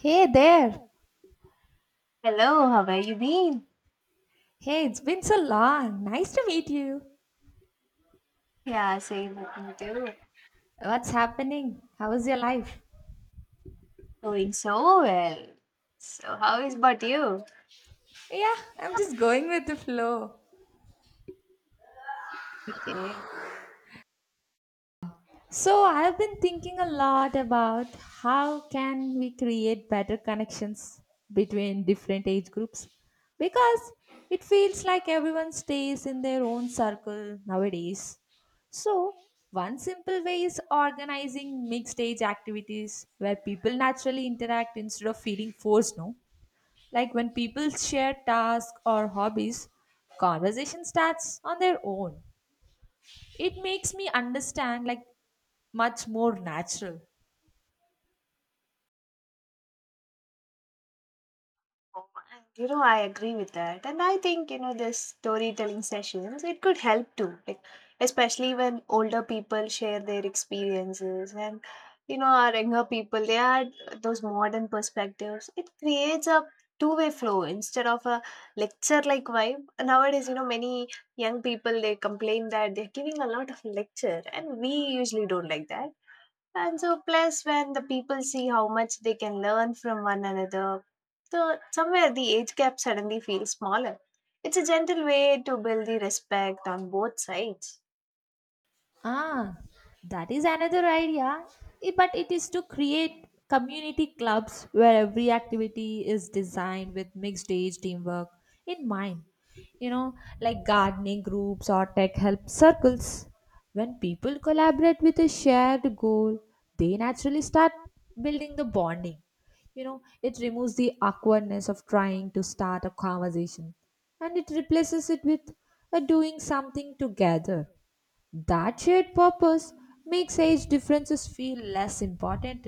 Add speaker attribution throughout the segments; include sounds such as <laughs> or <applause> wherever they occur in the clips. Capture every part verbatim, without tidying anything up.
Speaker 1: Hey there.
Speaker 2: Hello, how have you been?
Speaker 1: Hey, it's been so long. Nice to meet you.
Speaker 2: Yeah, same with me too.
Speaker 1: What's happening? How is your life?
Speaker 2: Going so well. So, how is about you?
Speaker 1: Yeah, I'm just going with the flow.
Speaker 2: Okay.
Speaker 1: So, I've been thinking a lot about how can we create better connections between different age groups because it feels like everyone stays in their own circle nowadays. So, one simple way is organizing mixed age activities where people naturally interact instead of feeling forced, no? Like when people share tasks or hobbies, conversation starts on their own. It makes me understand like much more natural.
Speaker 2: And, you know, I agree with that. And I think, you know, this storytelling sessions, it could help too. Like, especially when older people share their experiences and, you know, our younger people, they add those modern perspectives. It creates a two-way flow instead of a lecture-like vibe. Nowadays, you know, many young people, they complain that they're giving a lot of lecture and we usually don't like that. And so, plus, when the people see how much they can learn from one another, so somewhere the age gap suddenly feels smaller. It's a gentle way to build the respect on both sides.
Speaker 1: Ah, that is another idea. I- But it is to create community clubs where every activity is designed with mixed age teamwork in mind. You know, like gardening groups or tech help circles. When people collaborate with a shared goal, they naturally start building the bonding. You know, it removes the awkwardness of trying to start a conversation and it replaces it with a doing something together that shared purpose makes age differences feel less important.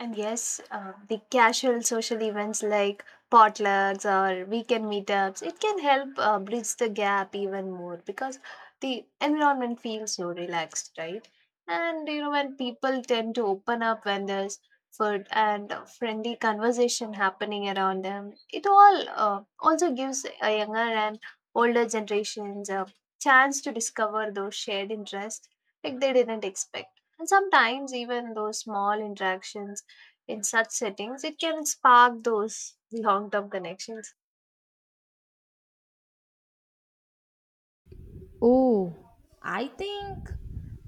Speaker 2: And yes, uh, the casual social events like potlucks or weekend meetups, it can help uh, bridge the gap even more because the environment feels so relaxed, right? And you know, when people tend to open up when there's food and uh, friendly conversation happening around them, it all uh, also gives a younger and older generations a chance to discover those shared interests like they didn't expect. And sometimes even those small interactions in such settings, it can spark those long term connections.
Speaker 1: Oh, I think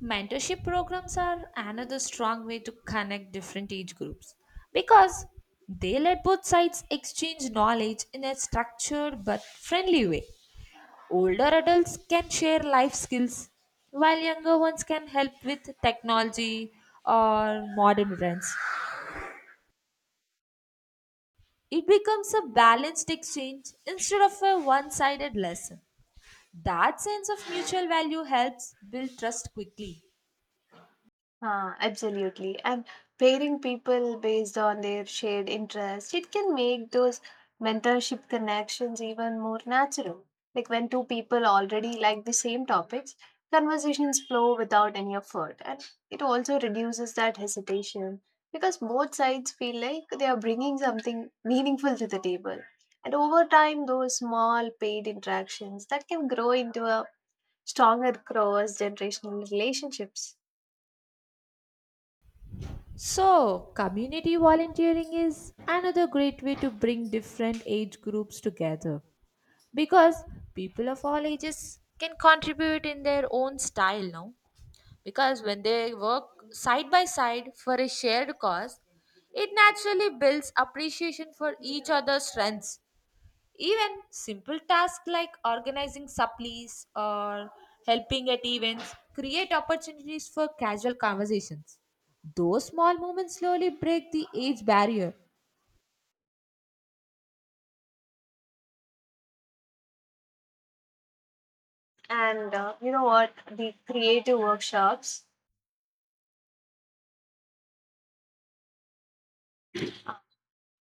Speaker 1: mentorship programs are another strong way to connect different age groups because they let both sides exchange knowledge in a structured but friendly way. Older adults can share life skills, while younger ones can help with technology or modern trends. It becomes a balanced exchange instead of a one sided lesson. That sense of mutual value helps build trust quickly.
Speaker 2: Ah, absolutely. And pairing people based on their shared interests, it can make those mentorship connections even more natural. Like when two people already like the same topics, conversations flow without any effort. And it also reduces that hesitation because both sides feel like they are bringing something meaningful to the table. And over time, those small paid interactions that can grow into a stronger cross generational relationships.
Speaker 1: So, community volunteering is another great way to bring different age groups together because people of all ages can contribute in their own style now. Because when they work side by side for a shared cause, it naturally builds appreciation for each other's strengths. Even simple tasks like organizing supplies or helping at events create opportunities for casual conversations. Those small moments slowly break the age barrier.
Speaker 2: And uh, you know what? The creative workshops,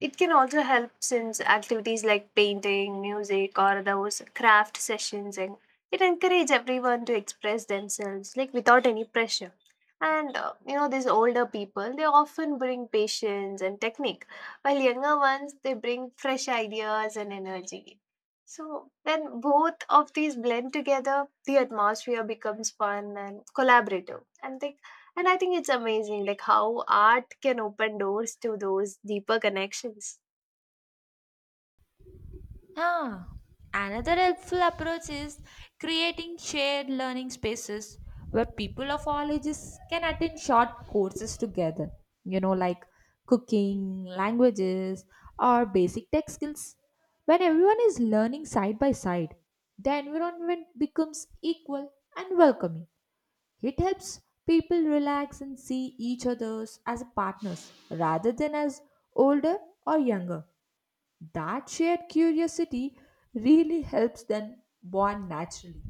Speaker 2: it can also help since activities like painting, music, or those craft sessions, and it encourage everyone to express themselves like without any pressure. And uh, you know, these older people they often bring patience and technique, while younger ones they bring fresh ideas and energy. So when both of these blend together, the atmosphere becomes fun and collaborative, and they and I think it's amazing, like how art can open doors to those deeper connections.
Speaker 1: Ah, another helpful approach is creating shared learning spaces where people of all ages can attend short courses together, you know, like cooking, languages, or basic tech skills. When everyone is learning side by side, the environment becomes equal and welcoming. It helps people relax and see each other as partners rather than as older or younger. That shared curiosity really helps them bond naturally.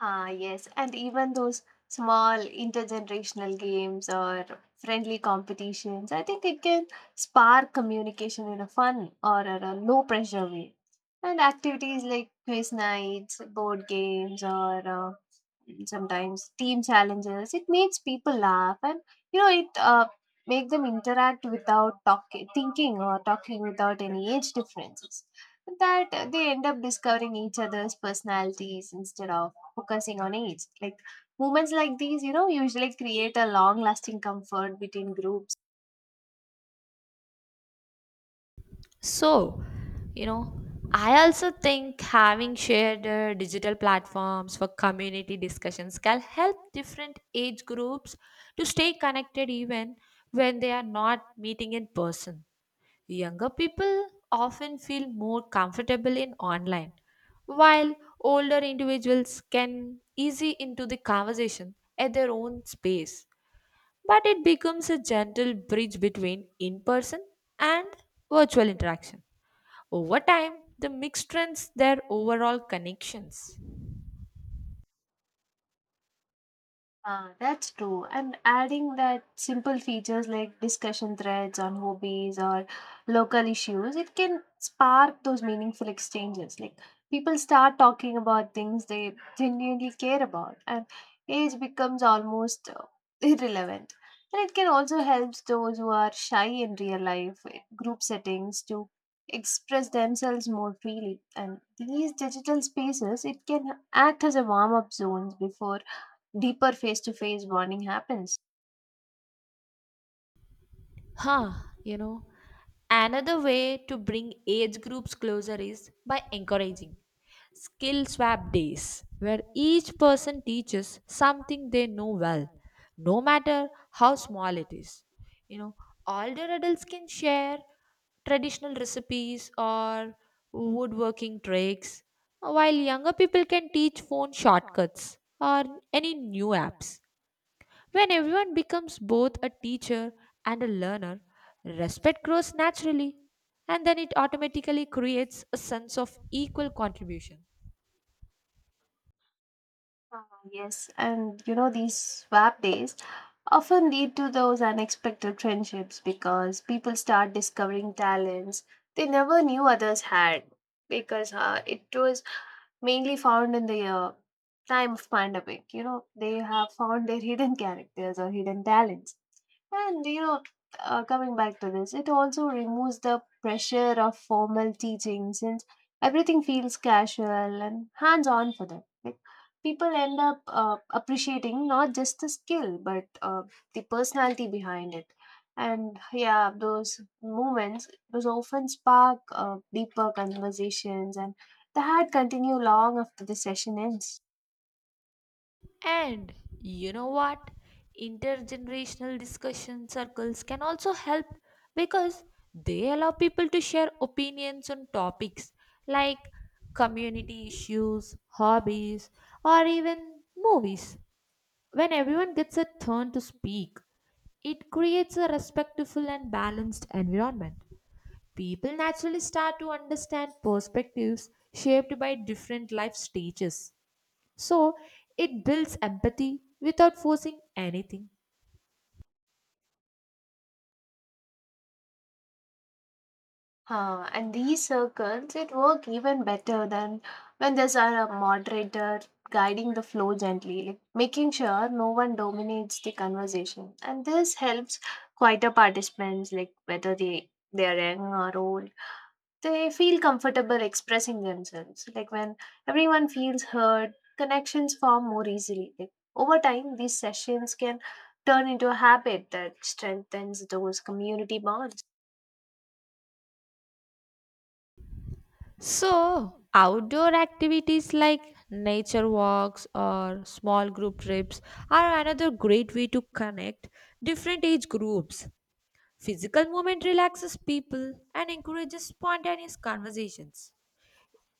Speaker 2: Ah, yes, and even those small intergenerational games or friendly competitions. I think it can spark communication in a fun or in a low pressure way. And activities like quiz nights, board games, or uh, sometimes team challenges, it makes people laugh and you know it uh, make them interact without talking thinking or talking without any age differences, that uh, they end up discovering each other's personalities instead of focusing on age. Like moments like these, you know usually create a long lasting comfort between groups.
Speaker 1: So, you know, I also think having shared uh, digital platforms for community discussions can help different age groups to stay connected even when they are not meeting in person. Younger people often feel more comfortable in online, while older individuals can easy into the conversation at their own space. But it becomes a gentle bridge between in person and virtual interaction. Over time, the mix strengthens their overall connections.
Speaker 2: Ah, that's true. And adding that simple features like discussion threads on hobbies or local issues, it can spark those meaningful exchanges. Like people start talking about things they genuinely care about, and age becomes almost uh, irrelevant. And it can also help those who are shy in real life eh, group settings to express themselves more freely. And these digital spaces, it can act as a warm-up zones before deeper face to face bonding happens.
Speaker 1: Huh, you know, another way to bring age groups closer is by encouraging skill swap days where each person teaches something they know well, no matter how small it is. You know, older adults can share traditional recipes or woodworking tricks, while younger people can teach phone shortcuts or any new apps. When everyone becomes both a teacher and a learner, respect grows naturally, and then it automatically creates a sense of equal contribution.
Speaker 2: Ah, yes, and you know, these swap days often lead to those unexpected friendships because people start discovering talents they never knew others had because uh, it was mainly found in the uh, time of pandemic. You know, they have found their hidden characters or hidden talents. And you know, uh, coming back to this, it also removes the pressure of formal teaching since everything feels casual and hands on for them. Like, people end up uh, appreciating not just the skill but uh, the personality behind it. And yeah, those moments those often spark uh, deeper conversations and the had continue long after the session ends.
Speaker 1: And you know what? Intergenerational discussion circles can also help because they allow people to share opinions on topics like community issues, hobbies, or even movies. When everyone gets a turn to speak, it creates a respectful and balanced environment. People naturally start to understand perspectives shaped by different life stages. So, it builds empathy without forcing anything.
Speaker 2: Huh, and these circles, it work even better than when there's a moderator guiding the flow gently, like making sure no one dominates the conversation. And this helps quieter participants, like whether they they are young or old, they feel comfortable expressing themselves. Like when everyone feels heard, connections form more easily. Like over time, these sessions can turn into a habit that strengthens those community bonds.
Speaker 1: So, outdoor activities like nature walks or small group trips are another great way to connect different age groups. Physical movement relaxes people and encourages spontaneous conversations.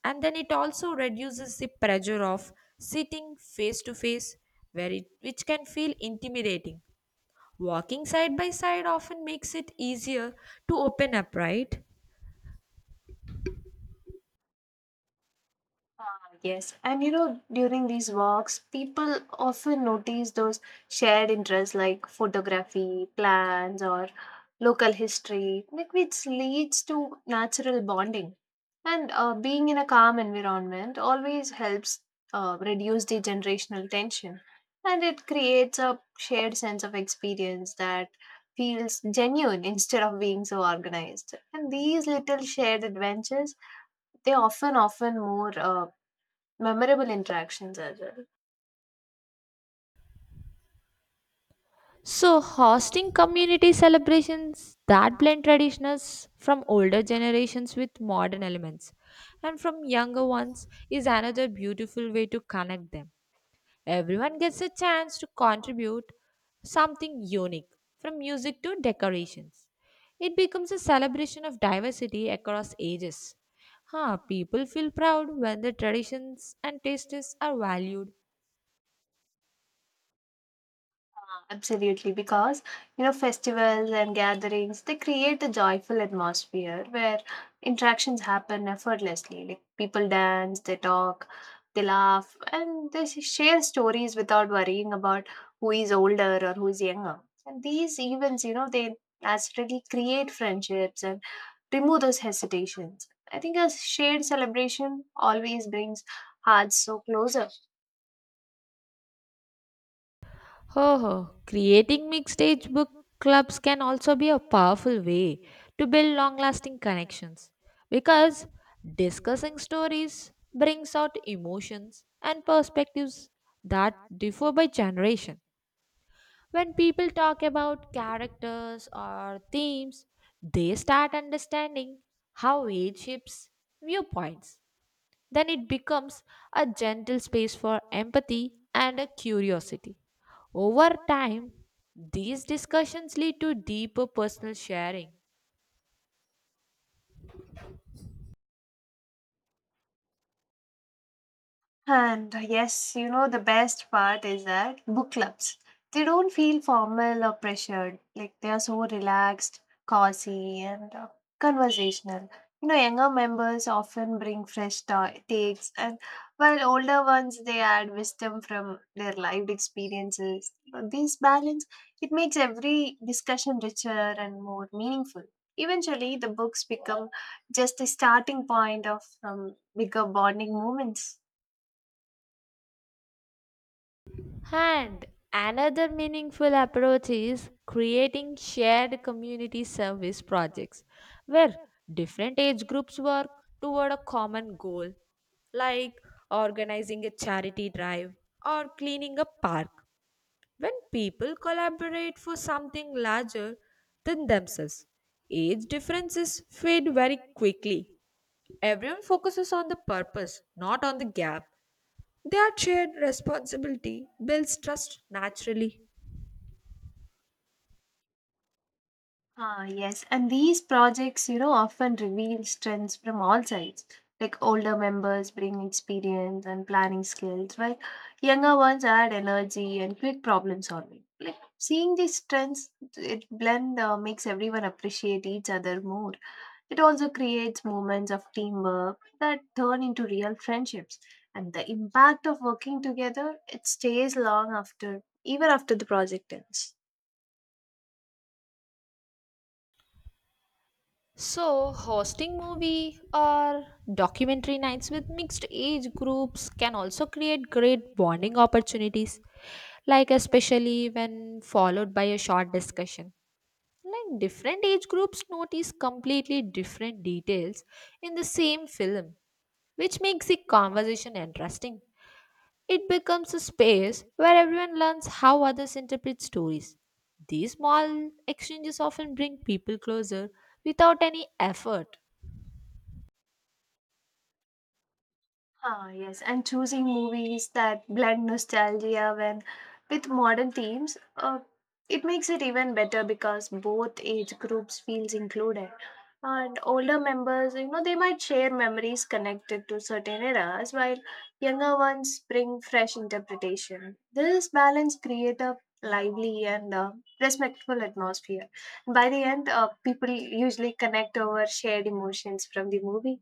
Speaker 1: And then it also reduces the pressure of sitting face to face, where it which can feel intimidating. Walking side by side often makes it easier to open up, right?
Speaker 2: Ah, yes, and you know, during these walks, people often notice those shared interests like photography, plants, or local history, like which leads to natural bonding. And uh, being in a calm environment always helps uh, reduce the generational tension, and it creates a shared sense of experience that feels genuine instead of being so organized. And these little shared adventures, they often often more. Uh, memorable interactions as well.
Speaker 1: So, hosting community celebrations that blend traditions from older generations with modern elements and from younger ones is another beautiful way to connect them. Everyone gets a chance to contribute something unique, from music to decorations. It becomes a celebration of diversity across ages. Huh, people feel proud when their traditions and tastes are valued.
Speaker 2: Uh, Absolutely, because you know festivals and gatherings they create a joyful atmosphere where interactions happen effortlessly. Like people dance, they talk, they laugh, and they sh- share stories without worrying about who is older or who is younger. And these events, you know, they naturally create friendships and remove those hesitations. I think a shared celebration always brings hearts so closer.
Speaker 1: Ho ho, creating mixed age book clubs can also be a powerful way to build long lasting connections because discussing stories brings out emotions and perspectives that differ by generation. When people talk about characters or themes, they start understanding how age shapes viewpoints. Then it becomes a gentle space for empathy and a curiosity. Over time, these discussions lead to deeper personal sharing.
Speaker 2: And yes, you know, the best part is that book clubs, they don't feel formal or pressured. Like they are so relaxed, cozy, and uh, conversational. You know, younger members often bring fresh ta- takes, and while older ones, they add wisdom from their lived experiences. Uh, This balance, it makes every discussion richer and more meaningful. Eventually, the books become just a starting point of um, bigger bonding moments.
Speaker 1: And another meaningful approach is creating shared community service projects where different age groups work toward a common goal, like organizing a charity drive or cleaning a park. When people collaborate for something larger than themselves, age differences fade very quickly. Everyone focuses on the purpose, not on the gap. That shared responsibility builds trust naturally.
Speaker 2: Ah, yes. And these projects, you know, often reveal strengths from all sides. Like older members bring experience and planning skills, while younger ones add energy and quick problem solving. Like seeing these strengths, it blend uh, makes everyone appreciate each other more. It also creates moments of teamwork that turn into real friendships. And the impact of working together, it stays long after, even after the project ends.
Speaker 1: So, hosting movie or documentary nights with mixed age groups can also create great bonding opportunities, like especially when followed by a short discussion. Like different age groups notice completely different details in the same film, which makes the conversation interesting. It becomes a space where everyone learns how others interpret stories. These small exchanges often bring people closer without any effort.
Speaker 2: Ah, yes, and choosing movies that blend nostalgia when with modern themes, uh, it makes it even better because both age groups feels included. And older members, you know, they might share memories connected to certain eras, while younger ones bring fresh interpretation. This balance creates a lively and uh, respectful atmosphere. By the end, uh, people usually connect over shared emotions from the movie.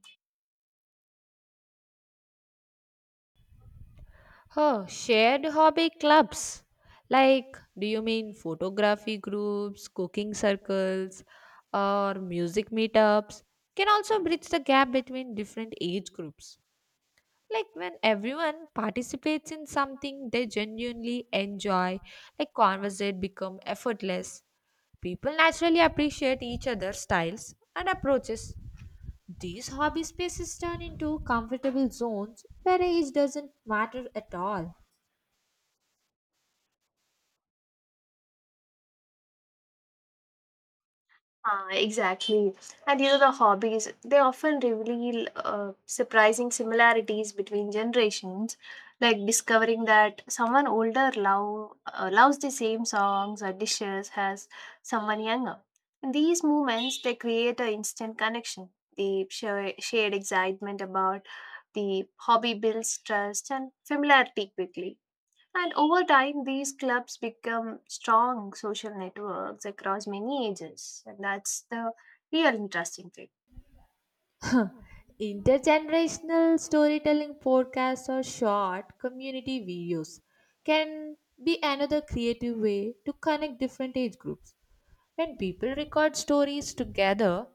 Speaker 1: Oh, shared hobby clubs. Like, do you mean photography groups, cooking circles, or music meetups? Can also bridge the gap between different age groups. Like, when everyone participates in something they genuinely enjoy, like, conversation become effortless. People naturally appreciate each other's styles and approaches. These hobby spaces turn into comfortable zones where age doesn't matter at all.
Speaker 2: Ah, exactly. And you know, the hobbies, they often reveal uh, surprising similarities between generations, like discovering that someone older love, uh, loves the same songs or dishes as someone younger. And these moments, they create an instant connection. The share- shared excitement about the hobby builds trust and familiarity quickly. And over time, these clubs become strong social networks across many ages. And that's the real interesting thing.
Speaker 1: <laughs> Intergenerational storytelling podcasts or short community videos can be another creative way to connect different age groups. When people record stories together,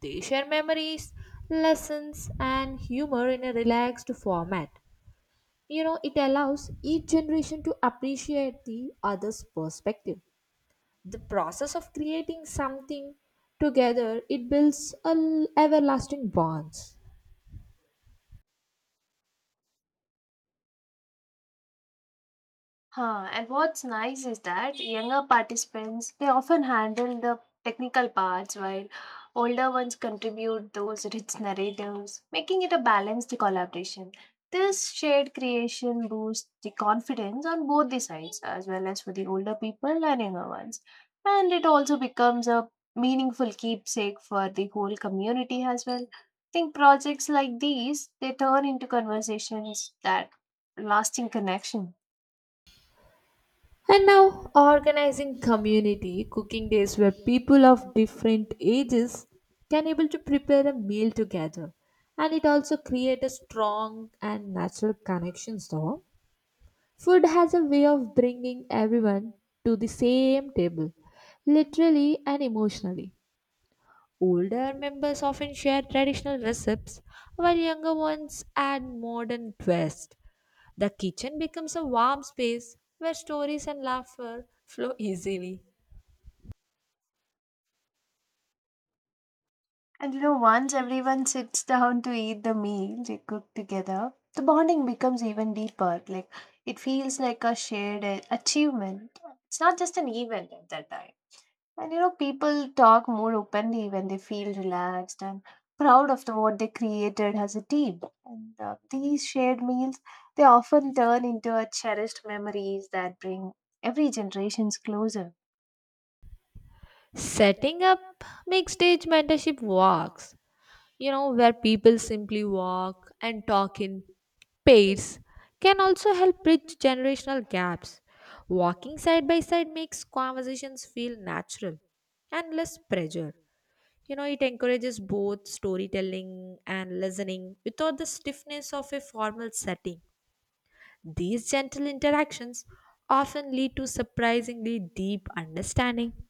Speaker 1: they share memories, lessons, and humor in a relaxed format. You know, it allows each generation to appreciate the other's perspective. The process of creating something together, it builds a l- everlasting bonds.
Speaker 2: Huh, and what's nice is that younger participants they often handle the technical parts while older ones contribute those rich narratives, making it a balanced collaboration. This shared creation boosts the confidence on both the sides, as well as for the older people and younger ones. And it also becomes a meaningful keepsake for the whole community as well. I think projects like these they turn into conversations that lasting connection.
Speaker 1: And now, organizing community cooking days where people of different ages can able to prepare a meal together, and it also create a strong and natural connections. Though food has a way of bringing everyone to the same table, literally and emotionally. Older members often share traditional recipes, while younger ones add modern twists. The kitchen becomes a warm space where stories and laughter flow easily.
Speaker 2: And you know, once everyone sits down to eat the meal they cook together, the bonding becomes even deeper. Like it feels like a shared a- achievement. It's not just an event at that time. And you know, people talk more openly when they feel relaxed and proud of the, what they created as a team. And uh, these shared meals, they often turn into a cherished memories that bring every generations closer.
Speaker 1: Setting up mixed age mentorship walks, you know, where people simply walk and talk in pairs, can also help bridge generational gaps. Walking side by side makes conversations feel natural and less pressure. You know, it encourages both storytelling and listening without the stiffness of a formal setting. These gentle interactions often lead to surprisingly deep understanding.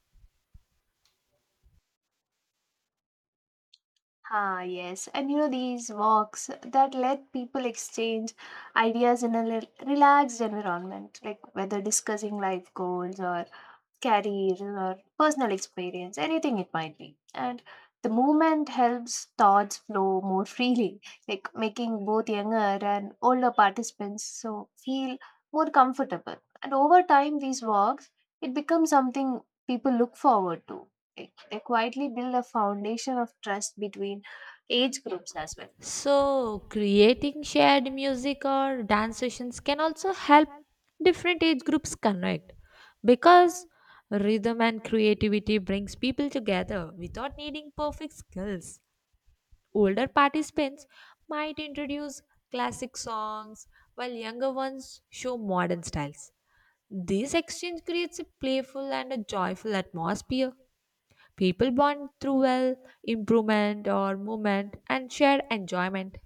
Speaker 2: Ah, yes. And you know, these walks that let people exchange ideas in a rel- relaxed environment, like whether discussing life goals or career or personal experience, anything it might be. And the movement helps thoughts flow more freely, like making both younger and older participants so feel more comfortable. And over time, these walks it becomes something people look forward to. Like, they quietly build a foundation of trust between age groups as well.
Speaker 1: So, creating shared music or dance sessions can also help different age groups connect because rhythm and creativity brings people together without needing perfect skills. Older participants might introduce classic songs while younger ones show modern styles. This exchange creates a playful and a joyful atmosphere. People bond through well, improvement or movement and share enjoyment.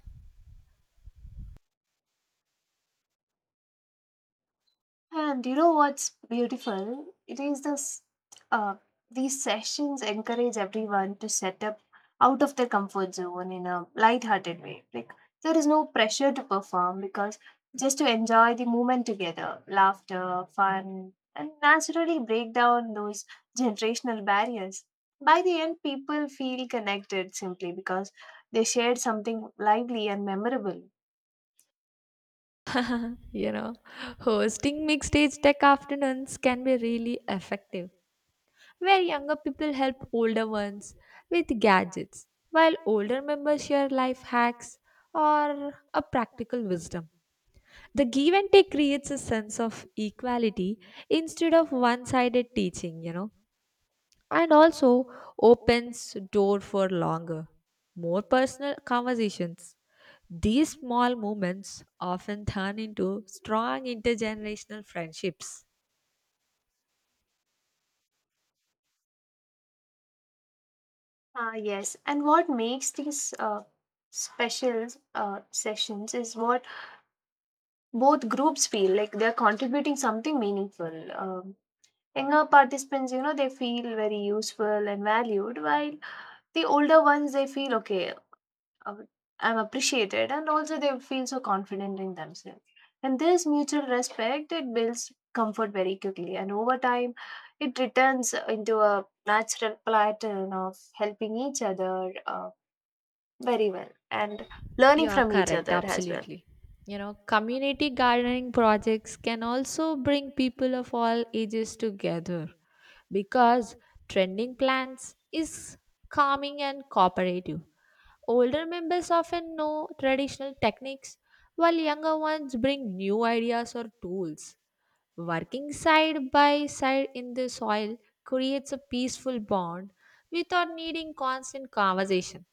Speaker 2: And you know what's beautiful? It is this. Uh, these sessions encourage everyone to set up out of their comfort zone in a light-hearted way. Like there is no pressure to perform because just to enjoy the moment together, laughter, fun, and naturally break down those generational barriers. By the end, people feel connected simply because they shared something lively and memorable.
Speaker 1: You know, hosting mixed age tech afternoons can be really effective, where younger people help older ones with gadgets, while older members share life hacks or a practical wisdom. The give and take creates a sense of equality instead of one sided teaching, you know, and also opens door for longer, more personal conversations. These small moments often turn into strong intergenerational friendships.
Speaker 2: Ah, yes. And what makes these uh, special uh, sessions is what both groups feel like they're contributing something meaningful. Um, younger participants, you know, they feel very useful and valued, while the older ones, they feel okay, uh, I'm appreciated, and also they feel so confident in themselves. And this mutual respect, it builds comfort very quickly, and over time, it returns into a natural pattern of helping each other. Uh, very well. And
Speaker 1: You
Speaker 2: learning
Speaker 1: are
Speaker 2: from each
Speaker 1: correct,
Speaker 2: other as well.
Speaker 1: absolutely. You know, community gardening projects can also bring people of all ages together because tending plants is calming and cooperative. Older members often know traditional techniques, while younger ones bring new ideas or tools. Working side by side in the soil creates a peaceful bond without needing constant conversation.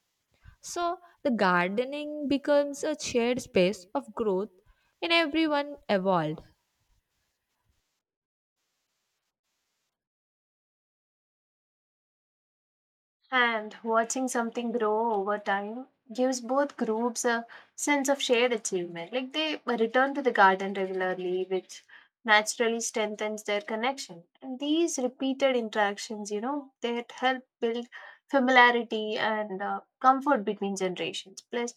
Speaker 1: So, the gardening becomes a shared space of growth and everyone evolved.
Speaker 2: And watching something grow over time gives both groups a sense of shared achievement. Like they return to the garden regularly, which naturally strengthens their connection. And these repeated interactions, you know, they help build familiarity and uh, comfort between generations. Plus,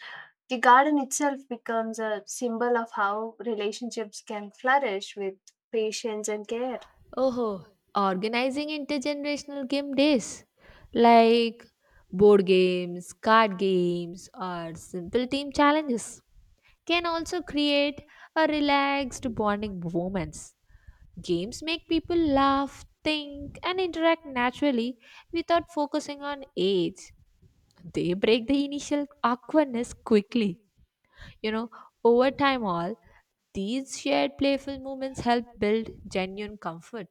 Speaker 2: the garden itself becomes a symbol of how relationships can flourish with patience and care.
Speaker 1: Oh, organizing intergenerational game days like board games, card games, or simple team challenges can also create a relaxed bonding moments. Games make people laugh, think, and interact naturally without focusing on age. They break the initial awkwardness quickly. You know, over time, all these shared playful moments help build genuine comfort.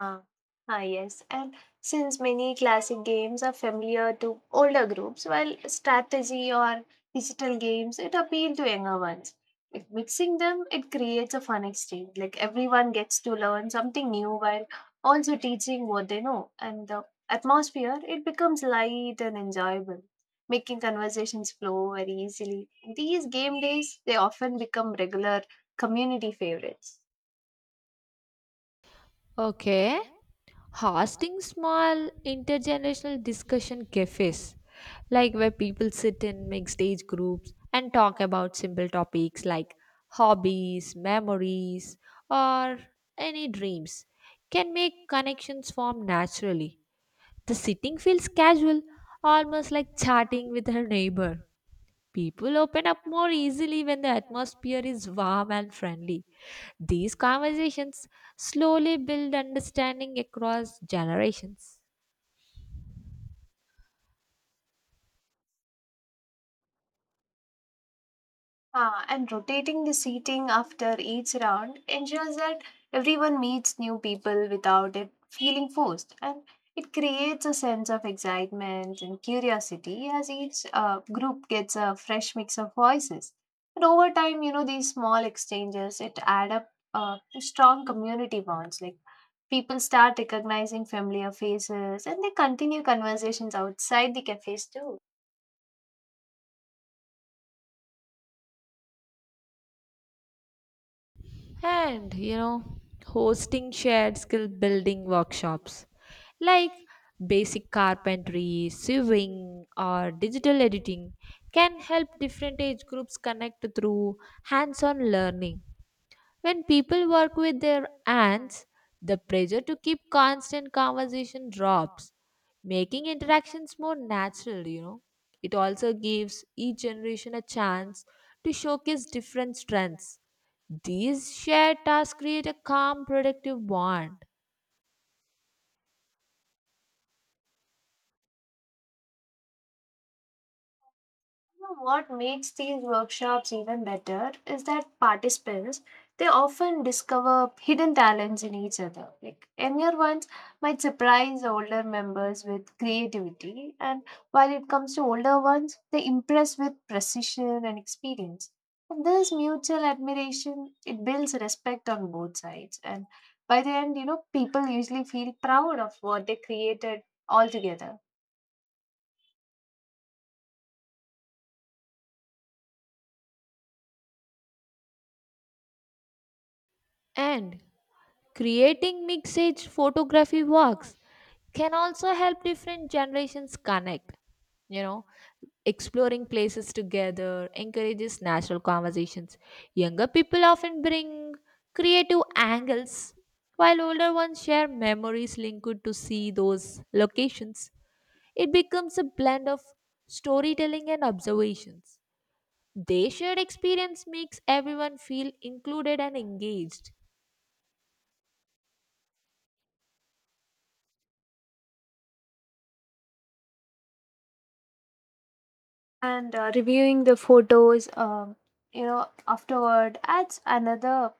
Speaker 2: Ah, ah, yes. And since many classic games are familiar to older groups, while strategy or digital games, it appeal to younger ones. Like mixing them, it creates a fun exchange. Like everyone gets to learn something new while also teaching what they know. And the atmosphere, it becomes light and enjoyable, making conversations flow very easily. These game days, they often become regular community favorites.
Speaker 1: Okay. Hosting small intergenerational discussion cafes, like where people sit in mixed age groups and talk about simple topics like hobbies, memories, or any dreams, can make connections form naturally. The sitting feels casual, almost like chatting with her neighbor. People open up more easily when the atmosphere is warm and friendly. These conversations slowly build understanding across generations.
Speaker 2: Ah, and rotating the seating after each round ensures that everyone meets new people without it feeling forced. And it creates a sense of excitement and curiosity as each uh, group gets a fresh mix of voices. And over time, you know, these small exchanges, it add up uh, to strong community bonds. Like people start recognizing familiar faces and they continue conversations outside the cafes too.
Speaker 1: And, you know, hosting shared skill building workshops like basic carpentry, sewing, or digital editing can help different age groups connect through hands on learning. When people work with their hands, the pressure to keep constant conversation drops, making interactions more natural, you know. It also gives each generation a chance to showcase different strengths. These shared tasks create a calm, productive bond.
Speaker 2: You know what makes these workshops even better is that participants they often discover hidden talents in each other. Like younger ones might surprise older members with creativity, and while it comes to older ones, they impress with precision and experience. And this mutual admiration it builds respect on both sides, and by the end, you know people usually feel proud of what they created altogether.
Speaker 1: And creating mixed age photography works can also help different generations connect. You know, exploring places together encourages natural conversations. Younger people often bring creative angles, while older ones share memories linked to see those locations. It becomes a blend of storytelling and observations. Their shared experience makes everyone feel included and engaged.
Speaker 2: And uh, reviewing the photos um, you know afterward adds another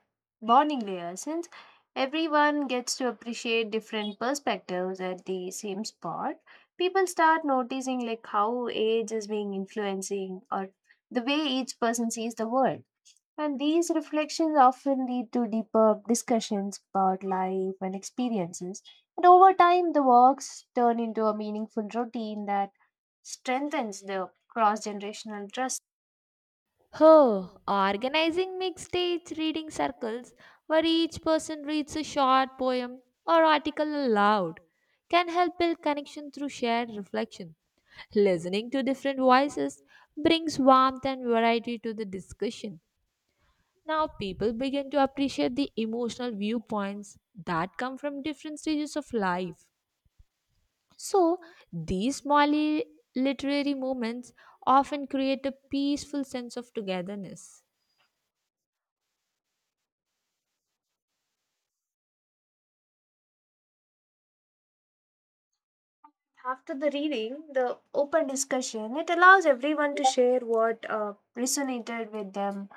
Speaker 2: bonding layer since everyone gets to appreciate different perspectives at the same spot. People start noticing like how age is being influencing or the way each person sees the world. And these reflections often lead to deeper discussions about life and experiences. And over time, the walks turn into a meaningful routine that strengthens the cross generational trust.
Speaker 1: Oh, organizing mixed age reading circles where each person reads a short poem or article aloud can help build connection through shared reflection. Listening to different voices brings warmth and variety to the discussion. Now, people begin to appreciate the emotional viewpoints that come from different stages of life. So, these small li- literary moments often create a peaceful sense of togetherness.
Speaker 2: After the reading, the open discussion, it allows everyone to share what uh, resonated with them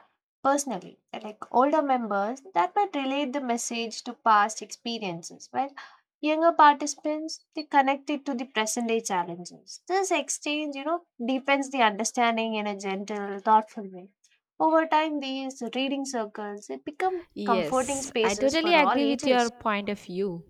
Speaker 2: personally. Like older members, that might relate the message to past experiences, while younger participants, they connect it to the present day challenges. This exchange, you know, deepens the understanding in a gentle, thoughtful way. Over time, these reading circles, it become comforting
Speaker 1: Yes, I
Speaker 2: spaces
Speaker 1: totally
Speaker 2: for all
Speaker 1: agree with your
Speaker 2: ages.
Speaker 1: point of view.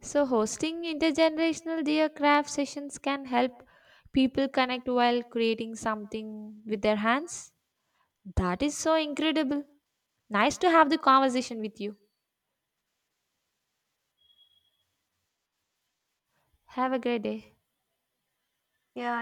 Speaker 1: So, hosting intergenerational dear craft sessions can help people connect while creating something with their hands. That is so incredible. Nice to have the conversation with you. Have a great day.
Speaker 2: Yeah,